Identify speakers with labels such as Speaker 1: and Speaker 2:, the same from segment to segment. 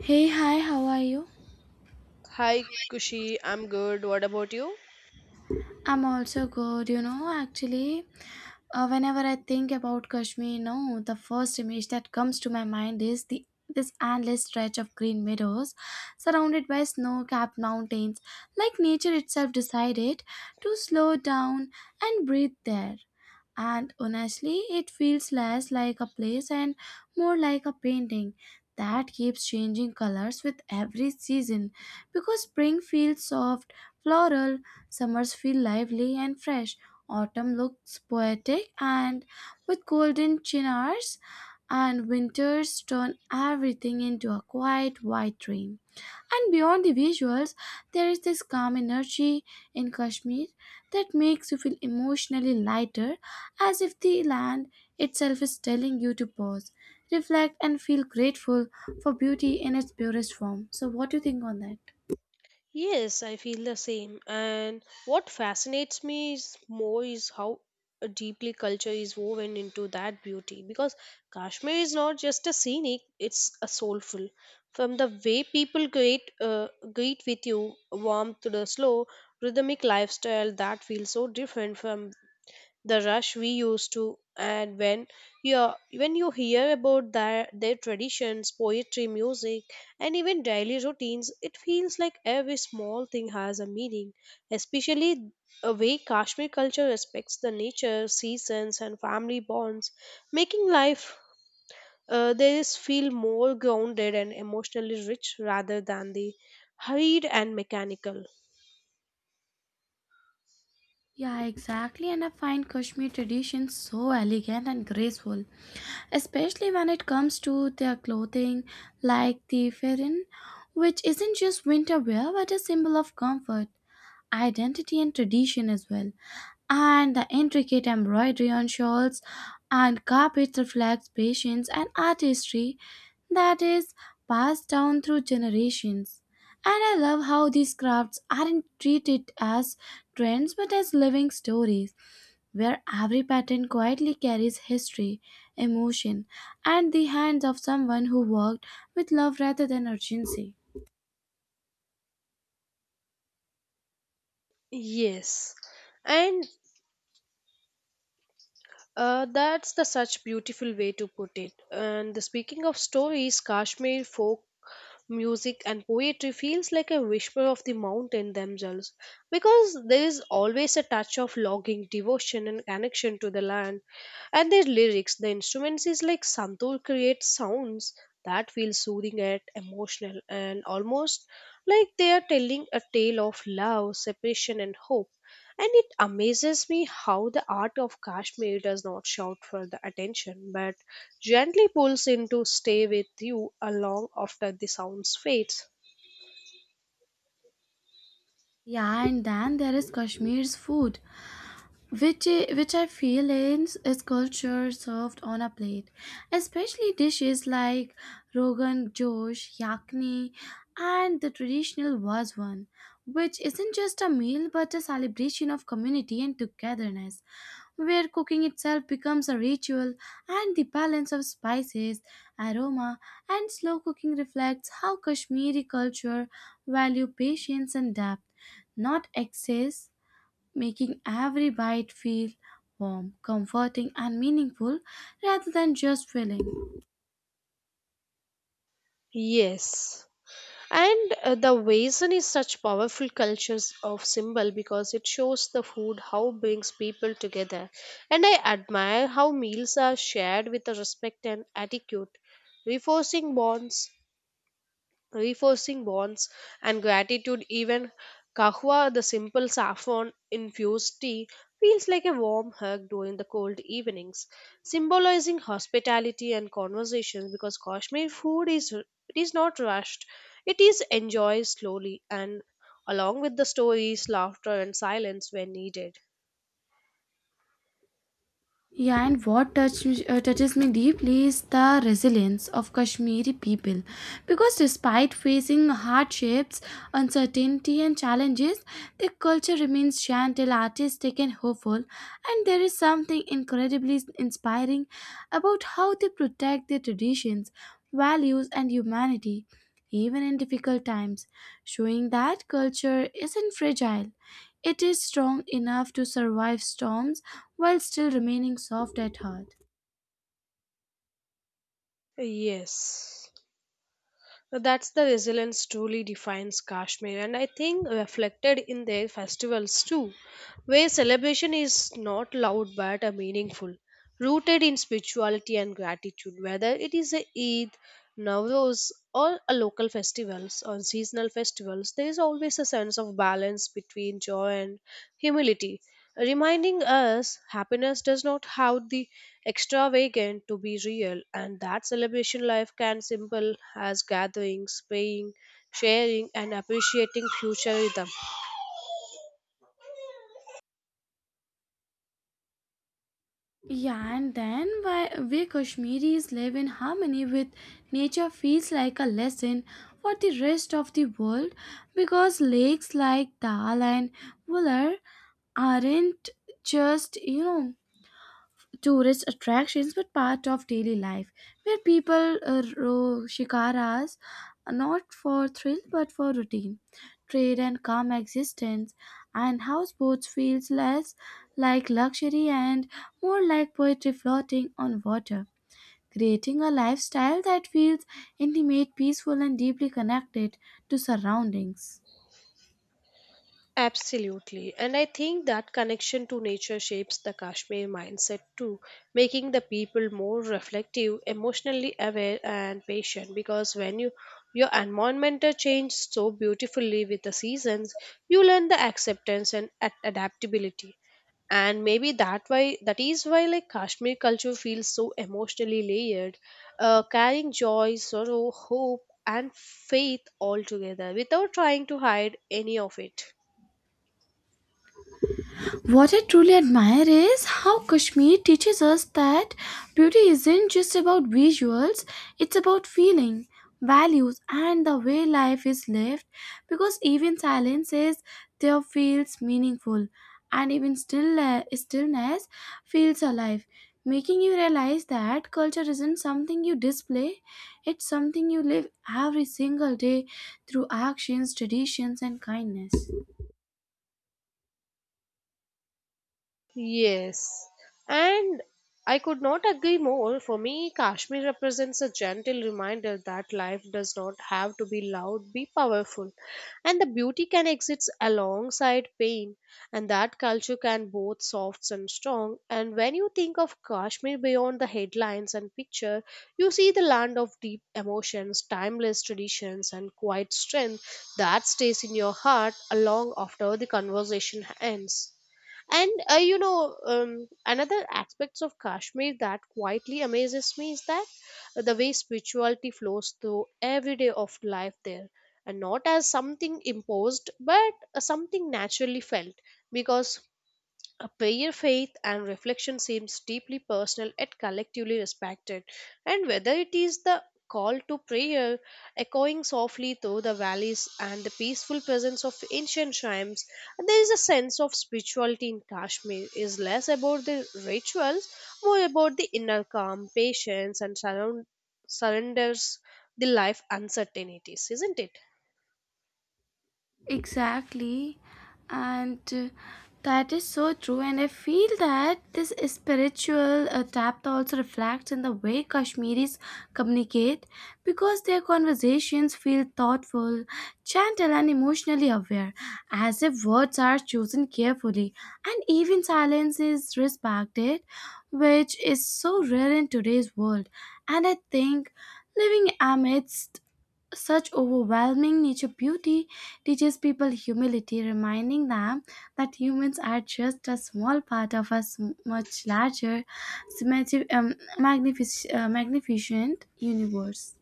Speaker 1: Hey, hi, how are you?
Speaker 2: Hi, Kushi. I'm good. What about you?
Speaker 1: I'm also good. You know, actually, whenever I think about Kashmir, no, the first image that comes to my mind is the this endless stretch of green meadows surrounded by snow-capped mountains, like nature itself decided to slow down and breathe there. And honestly it feels less like a place and more like a painting that keeps changing colors with every season, because spring feels soft, floral, summers feel lively and fresh, autumn looks poetic and with golden chinars, and winters turn everything into a quiet white dream. And beyond the visuals, there is this calm energy in Kashmir that makes you feel emotionally lighter, as if the land itself is telling you to pause, reflect, and feel grateful for beauty in its purest form. So, what do you think on that?
Speaker 2: Yes, I feel the same. And what fascinates me is more is how deeply culture is woven into that beauty. Because Kashmir is not just a scenic; it's a soulful. From the way people greet, greet with you, warmth to the slow, rhythmic lifestyle that feels so different from the rush we used to. And you when you hear about their traditions, poetry, music, and even daily routines, it feels like every small thing has a meaning, especially a way Kashmir culture respects the nature, seasons, and family bonds, making life, there is feel more grounded and emotionally rich rather than the hurried and mechanical.
Speaker 1: Yeah, exactly. And I find Kashmir traditions so elegant and graceful, especially when it comes to their clothing, like the farin, which isn't just winter wear but a symbol of comfort, identity and tradition as well. And the intricate embroidery on shawls and carpets reflects patience and artistry that is passed down through generations. And I love how these crafts aren't treated as trends but as living stories, where every pattern quietly carries history, emotion, and the hands of someone who worked with love rather than urgency.
Speaker 2: Yes. And that's the such beautiful way to put it. And the, speaking of stories, Kashmir folk music and poetry feels like a whisper of the mountain themselves because there is always a touch of longing, devotion, and connection to the land. And their lyrics, the instruments is like Santur creates sounds that feel soothing and emotional and almost like they are telling a tale of love, separation, and hope. And it amazes me how the art of Kashmir does not shout for the attention but gently pulls in to stay with you along after the sounds fades.
Speaker 1: Yeah, and then there is Kashmir's food which I feel is culture served on a plate, especially dishes like Rogan Josh, Yakni, and the traditional was one, which isn't just a meal but a celebration of community and togetherness, where cooking itself becomes a ritual and the balance of spices, aroma, and slow cooking reflects how Kashmiri culture value patience and depth, not excess, making every bite feel warm, comforting, and meaningful rather than just filling.
Speaker 2: Yes. And the Waisan is such powerful cultures of symbol because it shows the food how brings people together. And I admire how meals are shared with the respect and attitude, reinforcing bonds reinforcing bonds and gratitude. Even kahwa, the simple saffron infused tea, feels like a warm hug during the cold evenings, symbolizing hospitality and conversation because Kashmir food is it is not rushed, it is enjoyed slowly and along with the stories, laughter, and silence when needed.
Speaker 1: Yeah, and touches me deeply is the resilience of Kashmiri people. Because despite facing hardships, uncertainty, and challenges, their culture remains gentle, artistic, and hopeful. And there is something incredibly inspiring about how they protect their traditions, values, and humanity, even in difficult times, showing that culture isn't fragile, it is strong enough to survive storms while still remaining soft at heart.
Speaker 2: Yes. So, that's the resilience truly defines Kashmir, and I think reflected in their festivals too, where celebration is not loud but meaningful, rooted in spirituality and gratitude. Whether it is a Eid, Nowruz, or a local festivals or seasonal festivals, there is always a sense of balance between joy and humility, reminding us happiness does not have the extravagant to be real, and that celebration life can simple as gatherings, praying, sharing, and appreciating future rhythm.
Speaker 1: Yeah, and then why we Kashmiris live in harmony with nature feels like a lesson for the rest of the world, because lakes like Dal and Wular aren't just, you know, tourist attractions but part of daily life, where people row shikaras not for thrill but for routine trade and calm existence, and houseboats feels less like luxury and more like poetry floating on water, creating a lifestyle that feels intimate, peaceful and deeply connected to surroundings.
Speaker 2: Absolutely. And I think that connection to nature shapes the Kashmir mindset too, making the people more reflective, emotionally aware, and patient. Because when you your environment changes so beautifully with the seasons, you learn the acceptance and adaptability. And maybe that why that is why like Kashmir culture feels so emotionally layered, carrying joy, sorrow, hope, and faith all together without trying to hide any of it.
Speaker 1: What I truly admire is how Kashmir teaches us that beauty isn't just about visuals, it's about feeling, values, and the way life is lived, because even silences there feels meaningful and even stillness feels alive, making you realize that culture isn't something you display, it's something you live every single day through actions, traditions, and kindness.
Speaker 2: Yes, and I could not agree more. For me, Kashmir represents a gentle reminder that life does not have to be loud, be powerful, and the beauty can exist alongside pain, and that culture can both soft and strong. And when you think of Kashmir beyond the headlines and picture, you see the land of deep emotions, timeless traditions, and quiet strength that stays in your heart long after the conversation ends. And another aspects of Kashmir that quietly amazes me is that the way spirituality flows through every day of life there, and not as something imposed, but something naturally felt. Because a prayer, faith, and reflection seems deeply personal yet collectively respected. And whether it is the call to prayer echoing softly through the valleys and the peaceful presence of ancient shrines, there is a sense of spirituality in Kashmir is less about the rituals, more about the inner calm, patience, and surrenders the life uncertainties, isn't it?
Speaker 1: Exactly. And that is so true. And I feel that this spiritual depth also reflects in the way Kashmiris communicate, because their conversations feel thoughtful, gentle, and emotionally aware, as if words are chosen carefully and even silence is respected, which is so rare in today's world. And I think living amidst such overwhelming nature beauty teaches people humility, reminding them that humans are just a small part of a much larger, symmetri- um, magnificent universe.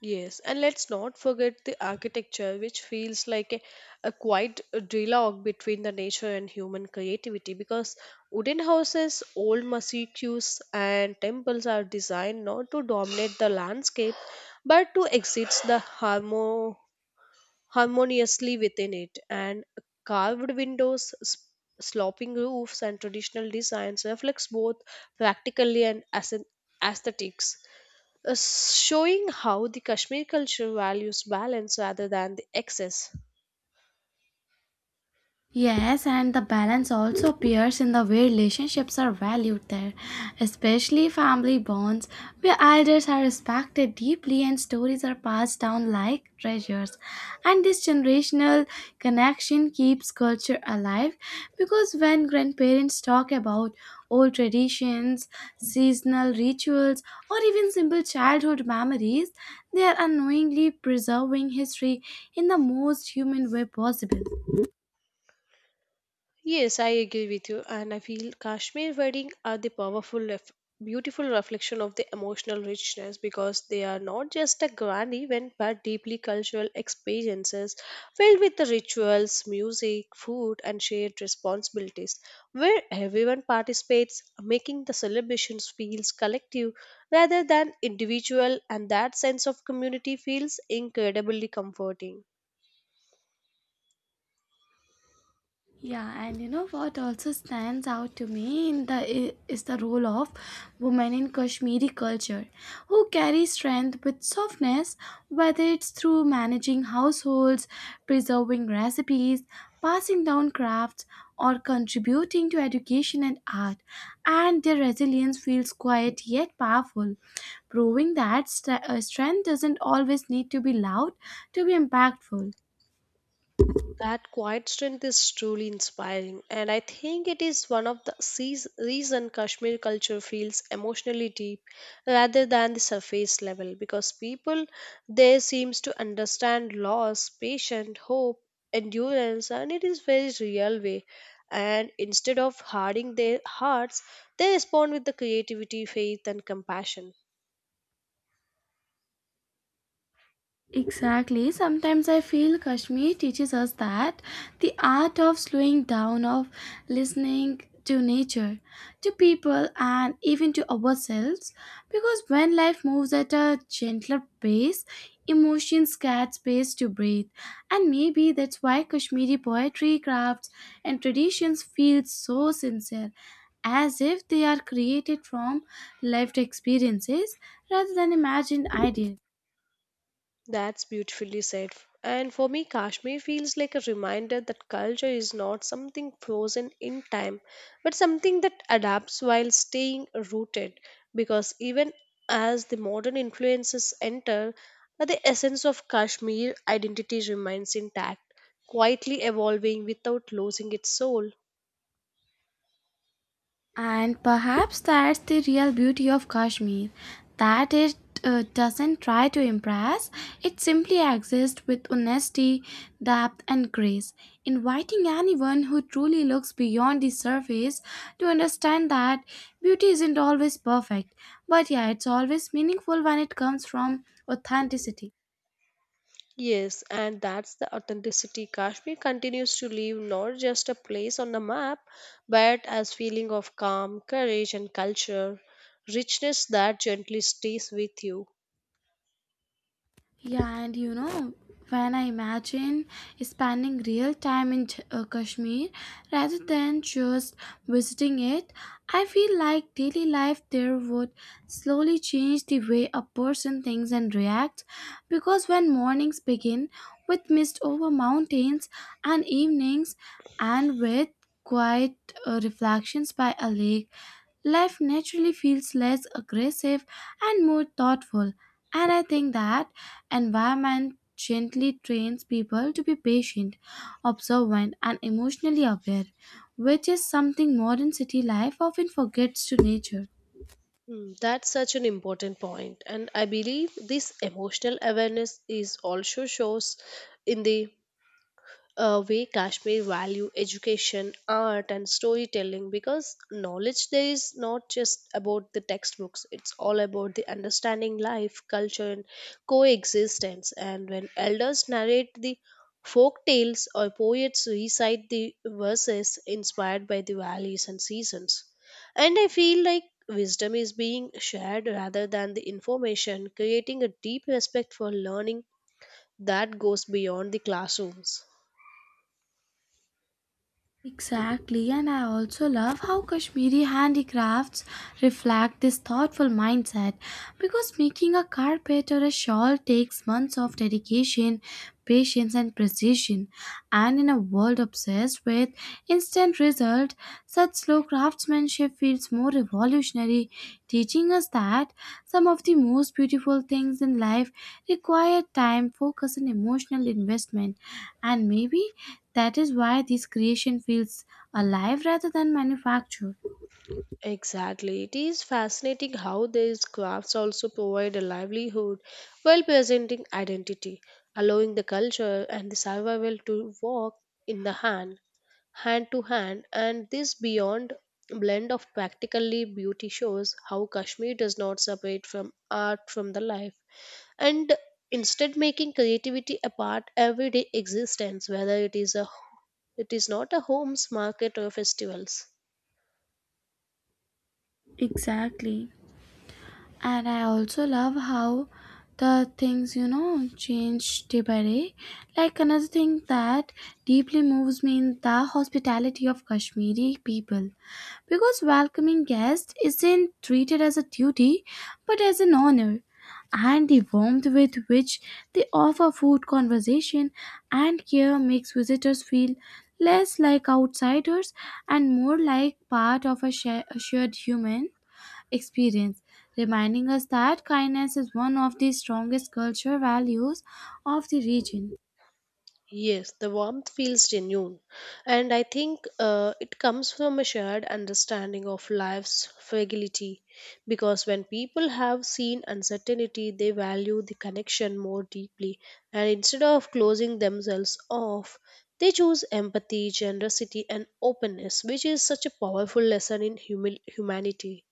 Speaker 2: Yes, and let's not forget the architecture, which feels like a quite dialogue between the nature and human creativity because wooden houses, old mosques, and temples are designed not to dominate the landscape but to exist the harmoniously within it. And carved windows, sloping roofs, and traditional designs reflects both practically and aesthetics, showing how the Kashmir culture values balance rather than the excess.
Speaker 1: Yes, and the balance also appears in the way relationships are valued there, especially family bonds, where elders are respected deeply and stories are passed down like treasures. And this generational connection keeps culture alive, because when grandparents talk about old traditions, seasonal rituals, or even simple childhood memories, they are unknowingly preserving history in the most human way possible.
Speaker 2: Yes, I agree with you, and I feel Kashmir wedding are the powerful, beautiful reflection of the emotional richness because they are not just a grand event but deeply cultural experiences filled with the rituals, music, food, and shared responsibilities, where everyone participates, making the celebrations feels collective rather than individual, and that sense of community feels incredibly comforting.
Speaker 1: Yeah, and you know what also stands out to me is the role of women in Kashmiri culture, who carry strength with softness, whether it's through managing households, preserving recipes, passing down crafts, or contributing to education and art. And their resilience feels quiet yet powerful, proving that strength doesn't always need to be loud to be impactful.
Speaker 2: That quiet strength is truly inspiring, and I think it is one of the reason Kashmir culture feels emotionally deep rather than the surface level because people there seems to understand loss, patience, hope, endurance, and it is very real way. And instead of hardening their hearts, they respond with the creativity, faith, and compassion.
Speaker 1: Exactly. Sometimes I feel Kashmir teaches us that the art of slowing down, of listening to nature, to people, and even to ourselves. Because when life moves at a gentler pace, emotions get space to breathe. And maybe that's why Kashmiri poetry, crafts, and traditions feel so sincere, as if they are created from lived experiences rather than imagined ideas.
Speaker 2: That's beautifully said. And for me, Kashmir feels like a reminder that culture is not something frozen in time, but something that adapts while staying rooted. Because even as the modern influences enter, the essence of Kashmir identity remains intact, quietly evolving without losing its soul.
Speaker 1: And perhaps that's the real beauty of Kashmir, that it doesn't try to impress, it simply exists with honesty, depth, and grace, inviting anyone who truly looks beyond the surface to understand that beauty isn't always perfect, but yeah, it's always meaningful when it comes from authenticity.
Speaker 2: Yes, and that's the authenticity. Kashmir continues to leave not just a place on the map, but as feeling of calm, courage, and culture, richness that gently stays with you.
Speaker 1: Yeah, and you know, when I imagine spending real time in Kashmir rather than just visiting it, I feel like daily life there would slowly change the way a person thinks and reacts. Because when mornings begin with mist over mountains and evenings and with quiet reflections by a lake, life naturally feels less aggressive and more thoughtful. And I think that environment gently trains people to be patient, observant, and emotionally aware, which is something modern city life often forgets to nature.
Speaker 2: Hmm. That's such an important point, and I believe this emotional awareness is also shows in the way Kashmir value education, art, and storytelling because knowledge there is not just about the textbooks, it's all about the understanding life, culture, and coexistence. And when elders narrate the folk tales or poets recite the verses inspired by the valleys and seasons. And I feel like wisdom is being shared rather than the information, creating a deep respect for learning that goes beyond the classrooms.
Speaker 1: Exactly, and I also love how Kashmiri handicrafts reflect this thoughtful mindset, because making a carpet or a shawl takes months of dedication, patience, and precision. And in a world obsessed with instant result, such slow craftsmanship feels more revolutionary, teaching us that some of the most beautiful things in life require time, focus, and emotional investment. And maybe that is why this creation feels alive rather than manufactured.
Speaker 2: Exactly. It is fascinating how these crafts also provide a livelihood while presenting identity, allowing the culture and the survival to walk in the hand, hand to hand, and this beyond blend of practically beauty shows how Kashmir does not separate from art from the life and instead making creativity a part everyday existence whether it is a it is not a homes market or festivals.
Speaker 1: Exactly. And I also love how the things, you know, change day by day, like another thing that deeply moves me in the hospitality of Kashmiri people, because welcoming guests isn't treated as a duty but as an honor, and the warmth with which they offer food, conversation and care makes visitors feel less like outsiders and more like part of a shared human experience, reminding us that kindness is one of the strongest cultural values of the region.
Speaker 2: Yes, the warmth feels genuine, and I think it comes from a shared understanding of life's fragility. Because when people have seen uncertainty, they value the connection more deeply, and instead of closing themselves off, they choose empathy, generosity, and openness, which is such a powerful lesson in humanity.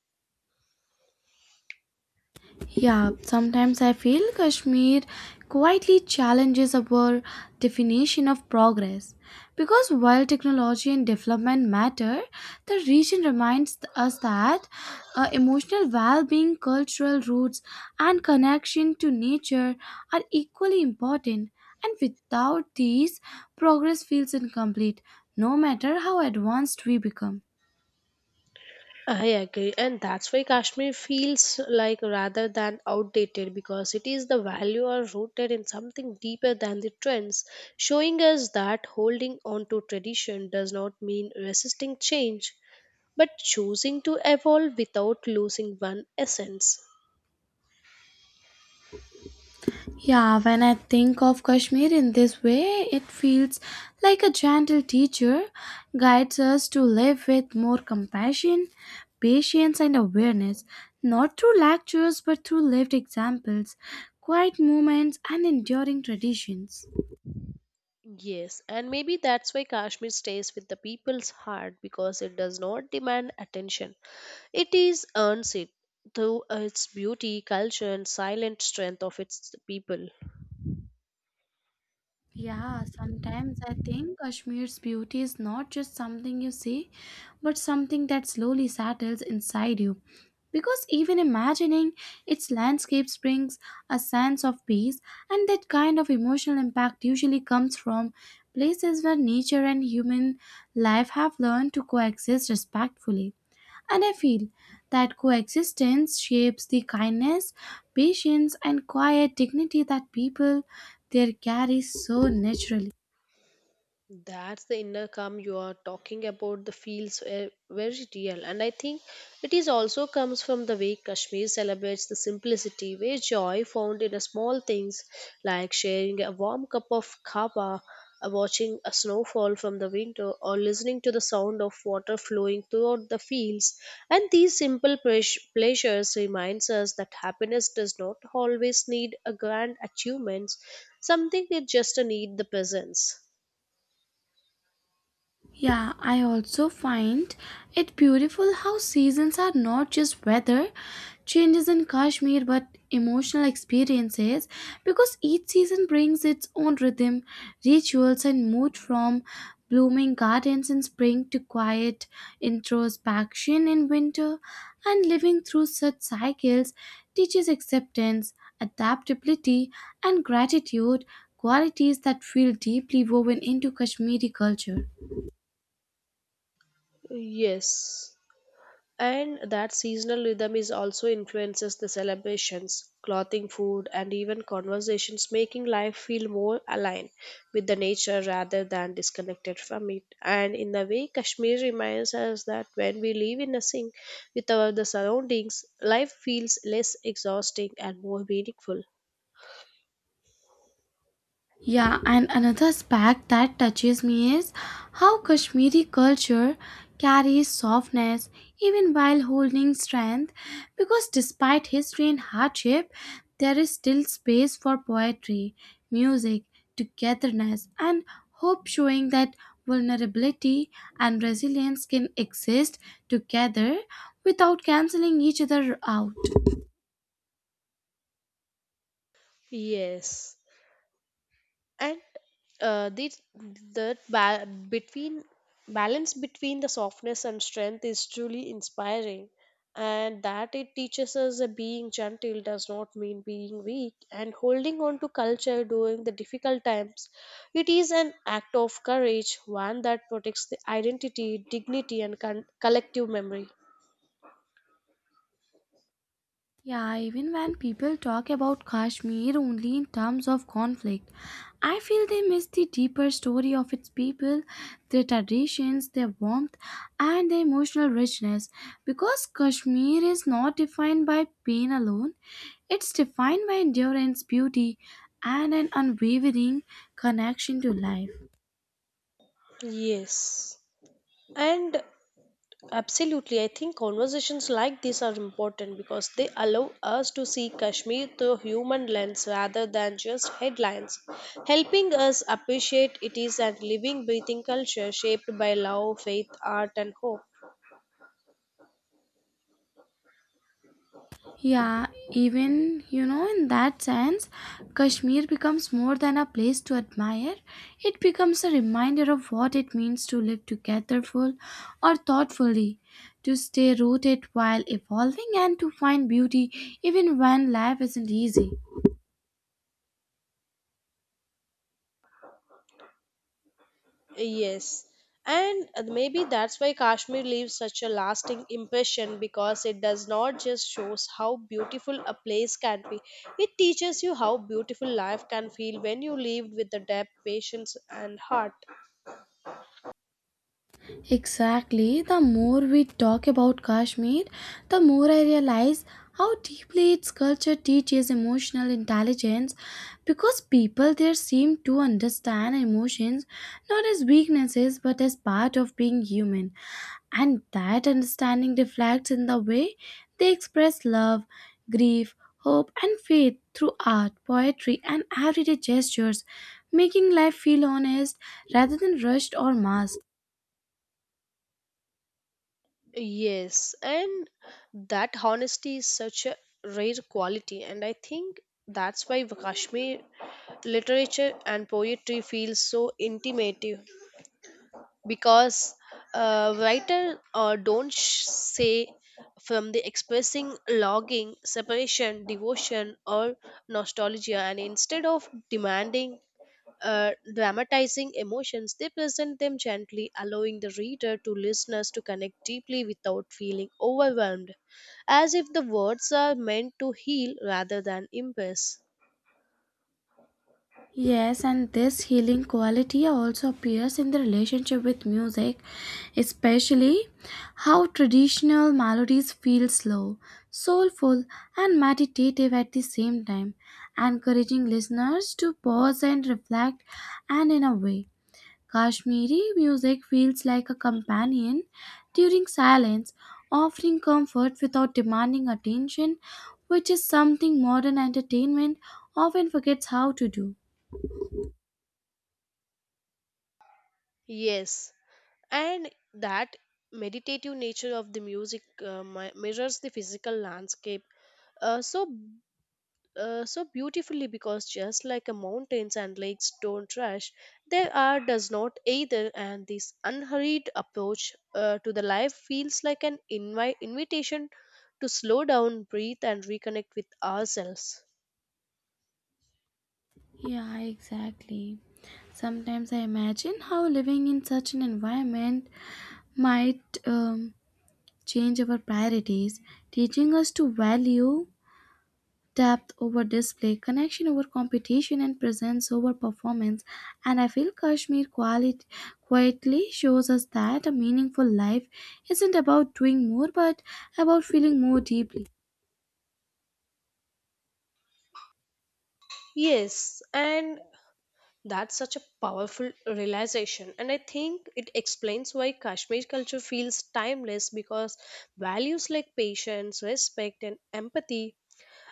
Speaker 1: Yeah, sometimes I feel Kashmir quietly challenges our definition of progress. Because while technology and development matter, the region reminds us that emotional well being, cultural roots, and connection to nature are equally important. And without these, progress feels incomplete, no matter how advanced we become.
Speaker 2: I agree, and that's why Kashmir feels like rather than outdated because it is the value are rooted in something deeper than the trends, showing us that holding on to tradition does not mean resisting change, but choosing to evolve without losing one essence.
Speaker 1: Yeah, when I think of Kashmir in this way, it feels like a gentle teacher guides us to live with more compassion, patience, and awareness, not through lectures but through lived examples, quiet moments, and enduring traditions.
Speaker 2: Yes, and maybe that's why Kashmir stays with the people's heart because it does not demand attention. It is earns it through its beauty, culture, and silent strength of its people.
Speaker 1: Yeah, sometimes I think Kashmir's beauty is not just something you see, but something that slowly settles inside you. Because even imagining its landscapes brings a sense of peace, and that kind of emotional impact usually comes from places where nature and human life have learned to coexist respectfully. And I feel that coexistence shapes the kindness, patience, and quiet dignity that people there carry so naturally.
Speaker 2: That's the inner calm you are talking about. The feels very real, and I think it is also comes from the way Kashmir celebrates the simplicity, where joy found in a small things like sharing a warm cup of kava, watching a snowfall from the window, or listening to the sound of water flowing throughout the fields. And these simple pleasures reminds us that happiness does not always need a grand achievements. Something it just need the presence.
Speaker 1: Yeah, I also find it beautiful how seasons are not just weather changes in Kashmir but emotional experiences, because each season brings its own rhythm, rituals, and mood, from blooming gardens in spring to quiet introspection in winter. And living through such cycles teaches acceptance, adaptability, and gratitude, qualities that feel deeply woven into Kashmiri culture.
Speaker 2: Yes, and that seasonal rhythm is also influences the celebrations, clothing, food, and even conversations, making life feel more aligned with the nature rather than disconnected from it. And in a way, Kashmir reminds us that when we live in a sync with our the surroundings, life feels less exhausting and more meaningful.
Speaker 1: Yeah, and another aspect that touches me is how Kashmiri culture carries softness even while holding strength, because despite history and hardship, there is still space for poetry, music, togetherness, and hope, showing that vulnerability and resilience can exist together without canceling each other out.
Speaker 2: Yes. And this the ba- between balance between the softness and strength is truly inspiring and that it teaches us that being gentle does not mean being weak, and holding on to culture during the difficult times it is an act of courage, one that protects the identity, dignity, and collective memory.
Speaker 1: Yeah, even when people talk about Kashmir only in terms of conflict, I feel they miss the deeper story of its people, their traditions, their warmth, and their emotional richness. Because Kashmir is not defined by pain alone, it's defined by endurance, beauty, and an unwavering connection to life.
Speaker 2: Yes, and absolutely, I think conversations like this are important because they allow us to see Kashmir through human lens rather than just headlines, helping us appreciate it is a living, breathing culture shaped by love, faith, art, and hope.
Speaker 1: Yeah, even you know, in that sense, Kashmir becomes more than a place to admire. It becomes a reminder of what it means to live togetherful or thoughtfully, to stay rooted while evolving, and to find beauty even when life isn't easy.
Speaker 2: Yes. And maybe that's why Kashmir leaves such a lasting impression because it does not just shows how beautiful a place can be. It teaches you how beautiful life can feel when you live with the depth, patience, and heart.
Speaker 1: Exactly. The more we talk about Kashmir, the more I realize how deeply its culture teaches emotional intelligence, because people there seem to understand emotions not as weaknesses but as part of being human. And that understanding reflects in the way they express love, grief, hope, and faith through art, poetry, and everyday gestures, making life feel honest rather than rushed or masked.
Speaker 2: Yes, and that honesty is such a rare quality, and I think that's why Kashmir literature and poetry feel so intimate because writer don't say from the expressing longing, separation, devotion, or nostalgia, and instead of demanding dramatizing emotions, they present them gently, allowing the reader to listeners to connect deeply without feeling overwhelmed, as if the words are meant to heal rather than impress.
Speaker 1: Yes, and this healing quality also appears in the relationship with music, especially how traditional melodies feel slow, soulful, and meditative at the same time, encouraging listeners to pause and reflect. And in a way, Kashmiri music feels like a companion during silence, offering comfort without demanding attention, which is something modern entertainment often forgets how to do.
Speaker 2: Yes, and that meditative nature of the music mirrors the physical landscape. Uh, so so beautifully because just like a mountains and lakes don't rush, there are does not either, and this unhurried approach to the life feels like an invitation to slow down, breathe, and reconnect with ourselves.
Speaker 1: Yeah, exactly. Sometimes I imagine how living in such an environment might change our priorities, teaching us to value depth over display, connection over competition, and presence over performance. And I feel Kashmir quietly shows us that a meaningful life isn't about doing more but about feeling more deeply.
Speaker 2: Yes, and that's such a powerful realization. And I think it explains why Kashmir culture feels timeless because values like patience, respect, and empathy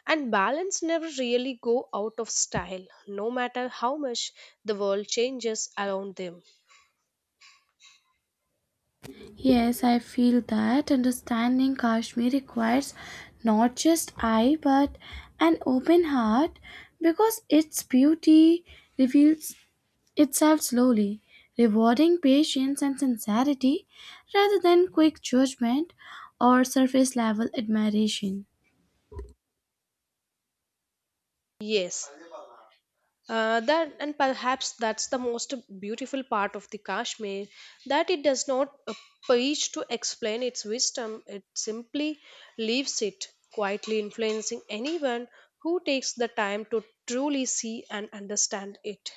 Speaker 2: and balance never really go out of style, no matter how much the world changes around them.
Speaker 1: Yes, I feel that understanding Kashmir requires not just eye but an open heart, because its beauty reveals itself slowly, rewarding patience and sincerity rather than quick judgment or surface level admiration.
Speaker 2: Yes, that and perhaps that's the most beautiful part of the Kashmir that it does not preach to explain its wisdom; it simply leaves it quietly influencing anyone who takes the time to truly see and understand it.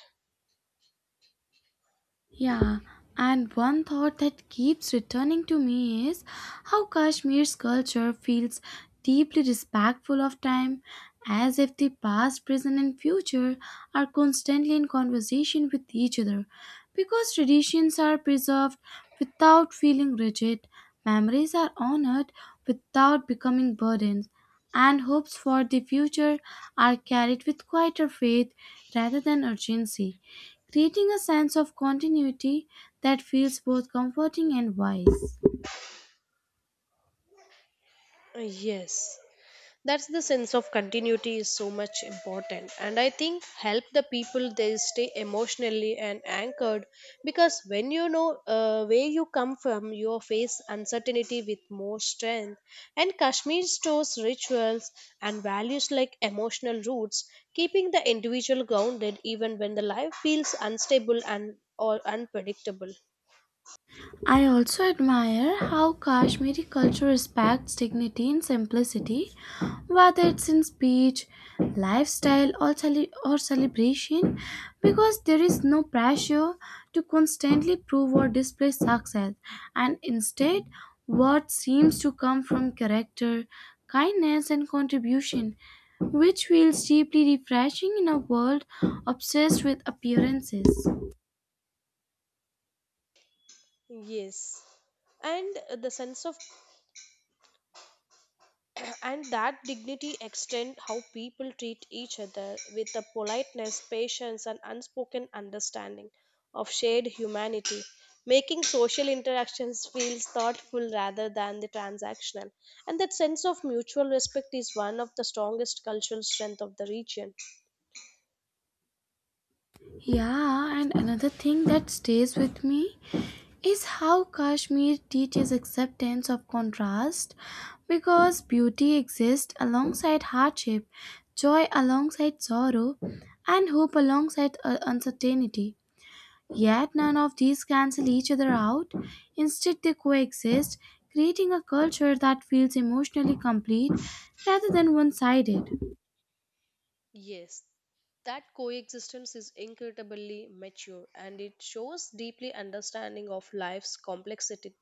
Speaker 1: Yeah, and one thought that keeps returning to me is how Kashmir's culture feels deeply respectful of time, as if the past, present, and future are constantly in conversation with each other. Because traditions are preserved without feeling rigid, memories are honored without becoming burdens, and hopes for the future are carried with quieter faith rather than urgency, creating a sense of continuity that feels both comforting and wise.
Speaker 2: Yes. That's the sense of continuity is so much important, and I think help the people they stay emotionally and anchored because when you know where you come from you face uncertainty with more strength, and Kashmir stores, rituals, and values like emotional roots keeping the individual grounded even when the life feels unstable and or unpredictable.
Speaker 1: I also admire how Kashmiri culture respects dignity in simplicity, whether it's in speech, lifestyle, or, or celebration, because there is no pressure to constantly prove or display success, and instead, what seems to come from character, kindness, and contribution, which feels deeply refreshing in a world obsessed with appearances.
Speaker 2: Yes, and the sense of and that dignity extend how people treat each other with a politeness, patience, and unspoken understanding of shared humanity, making social interactions feels thoughtful rather than the transactional, and that sense of mutual respect is one of the strongest cultural strength of the region.
Speaker 1: Yeah, and another thing that stays with me is how Kashmir teaches acceptance of contrast, because beauty exists alongside hardship, joy alongside sorrow, and hope alongside uncertainty. Yet none of these cancel each other out. Instead, they coexist, creating a culture that feels emotionally complete rather than one sided.
Speaker 2: Yes, that coexistence is incredibly mature and it shows deeply understanding of life's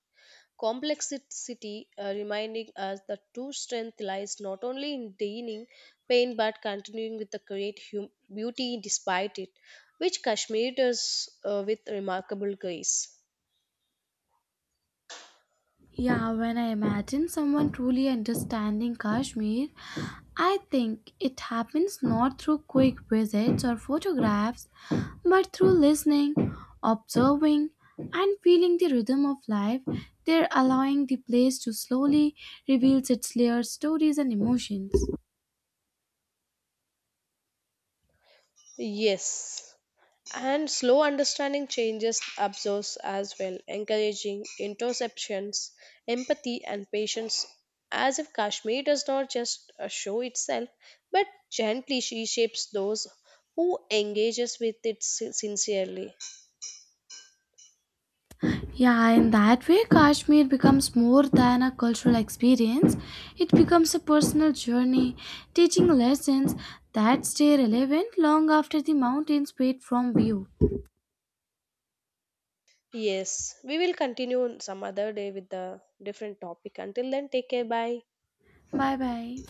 Speaker 2: complexity, reminding us that true strength lies not only in denying pain but continuing with the great beauty despite it, which Kashmir does, with remarkable grace.
Speaker 1: Yeah, when I imagine someone truly understanding Kashmir, I think it happens not through quick visits or photographs, but through listening, observing, and feeling the rhythm of life. They're allowing the place to slowly reveal its layered stories and emotions.
Speaker 2: Yes. And slow understanding changes absorbs as well, encouraging interceptions, empathy, and patience. As if Kashmir does not just show itself, but gently she shapes those who engages with it sincerely.
Speaker 1: Yeah, in that way, Kashmir becomes more than a cultural experience. It becomes a personal journey, teaching lessons that stay relevant long after the mountains fade from view.
Speaker 2: Yes, we will continue on some other day with the different topic. Until then, take care. Bye.
Speaker 1: Bye bye.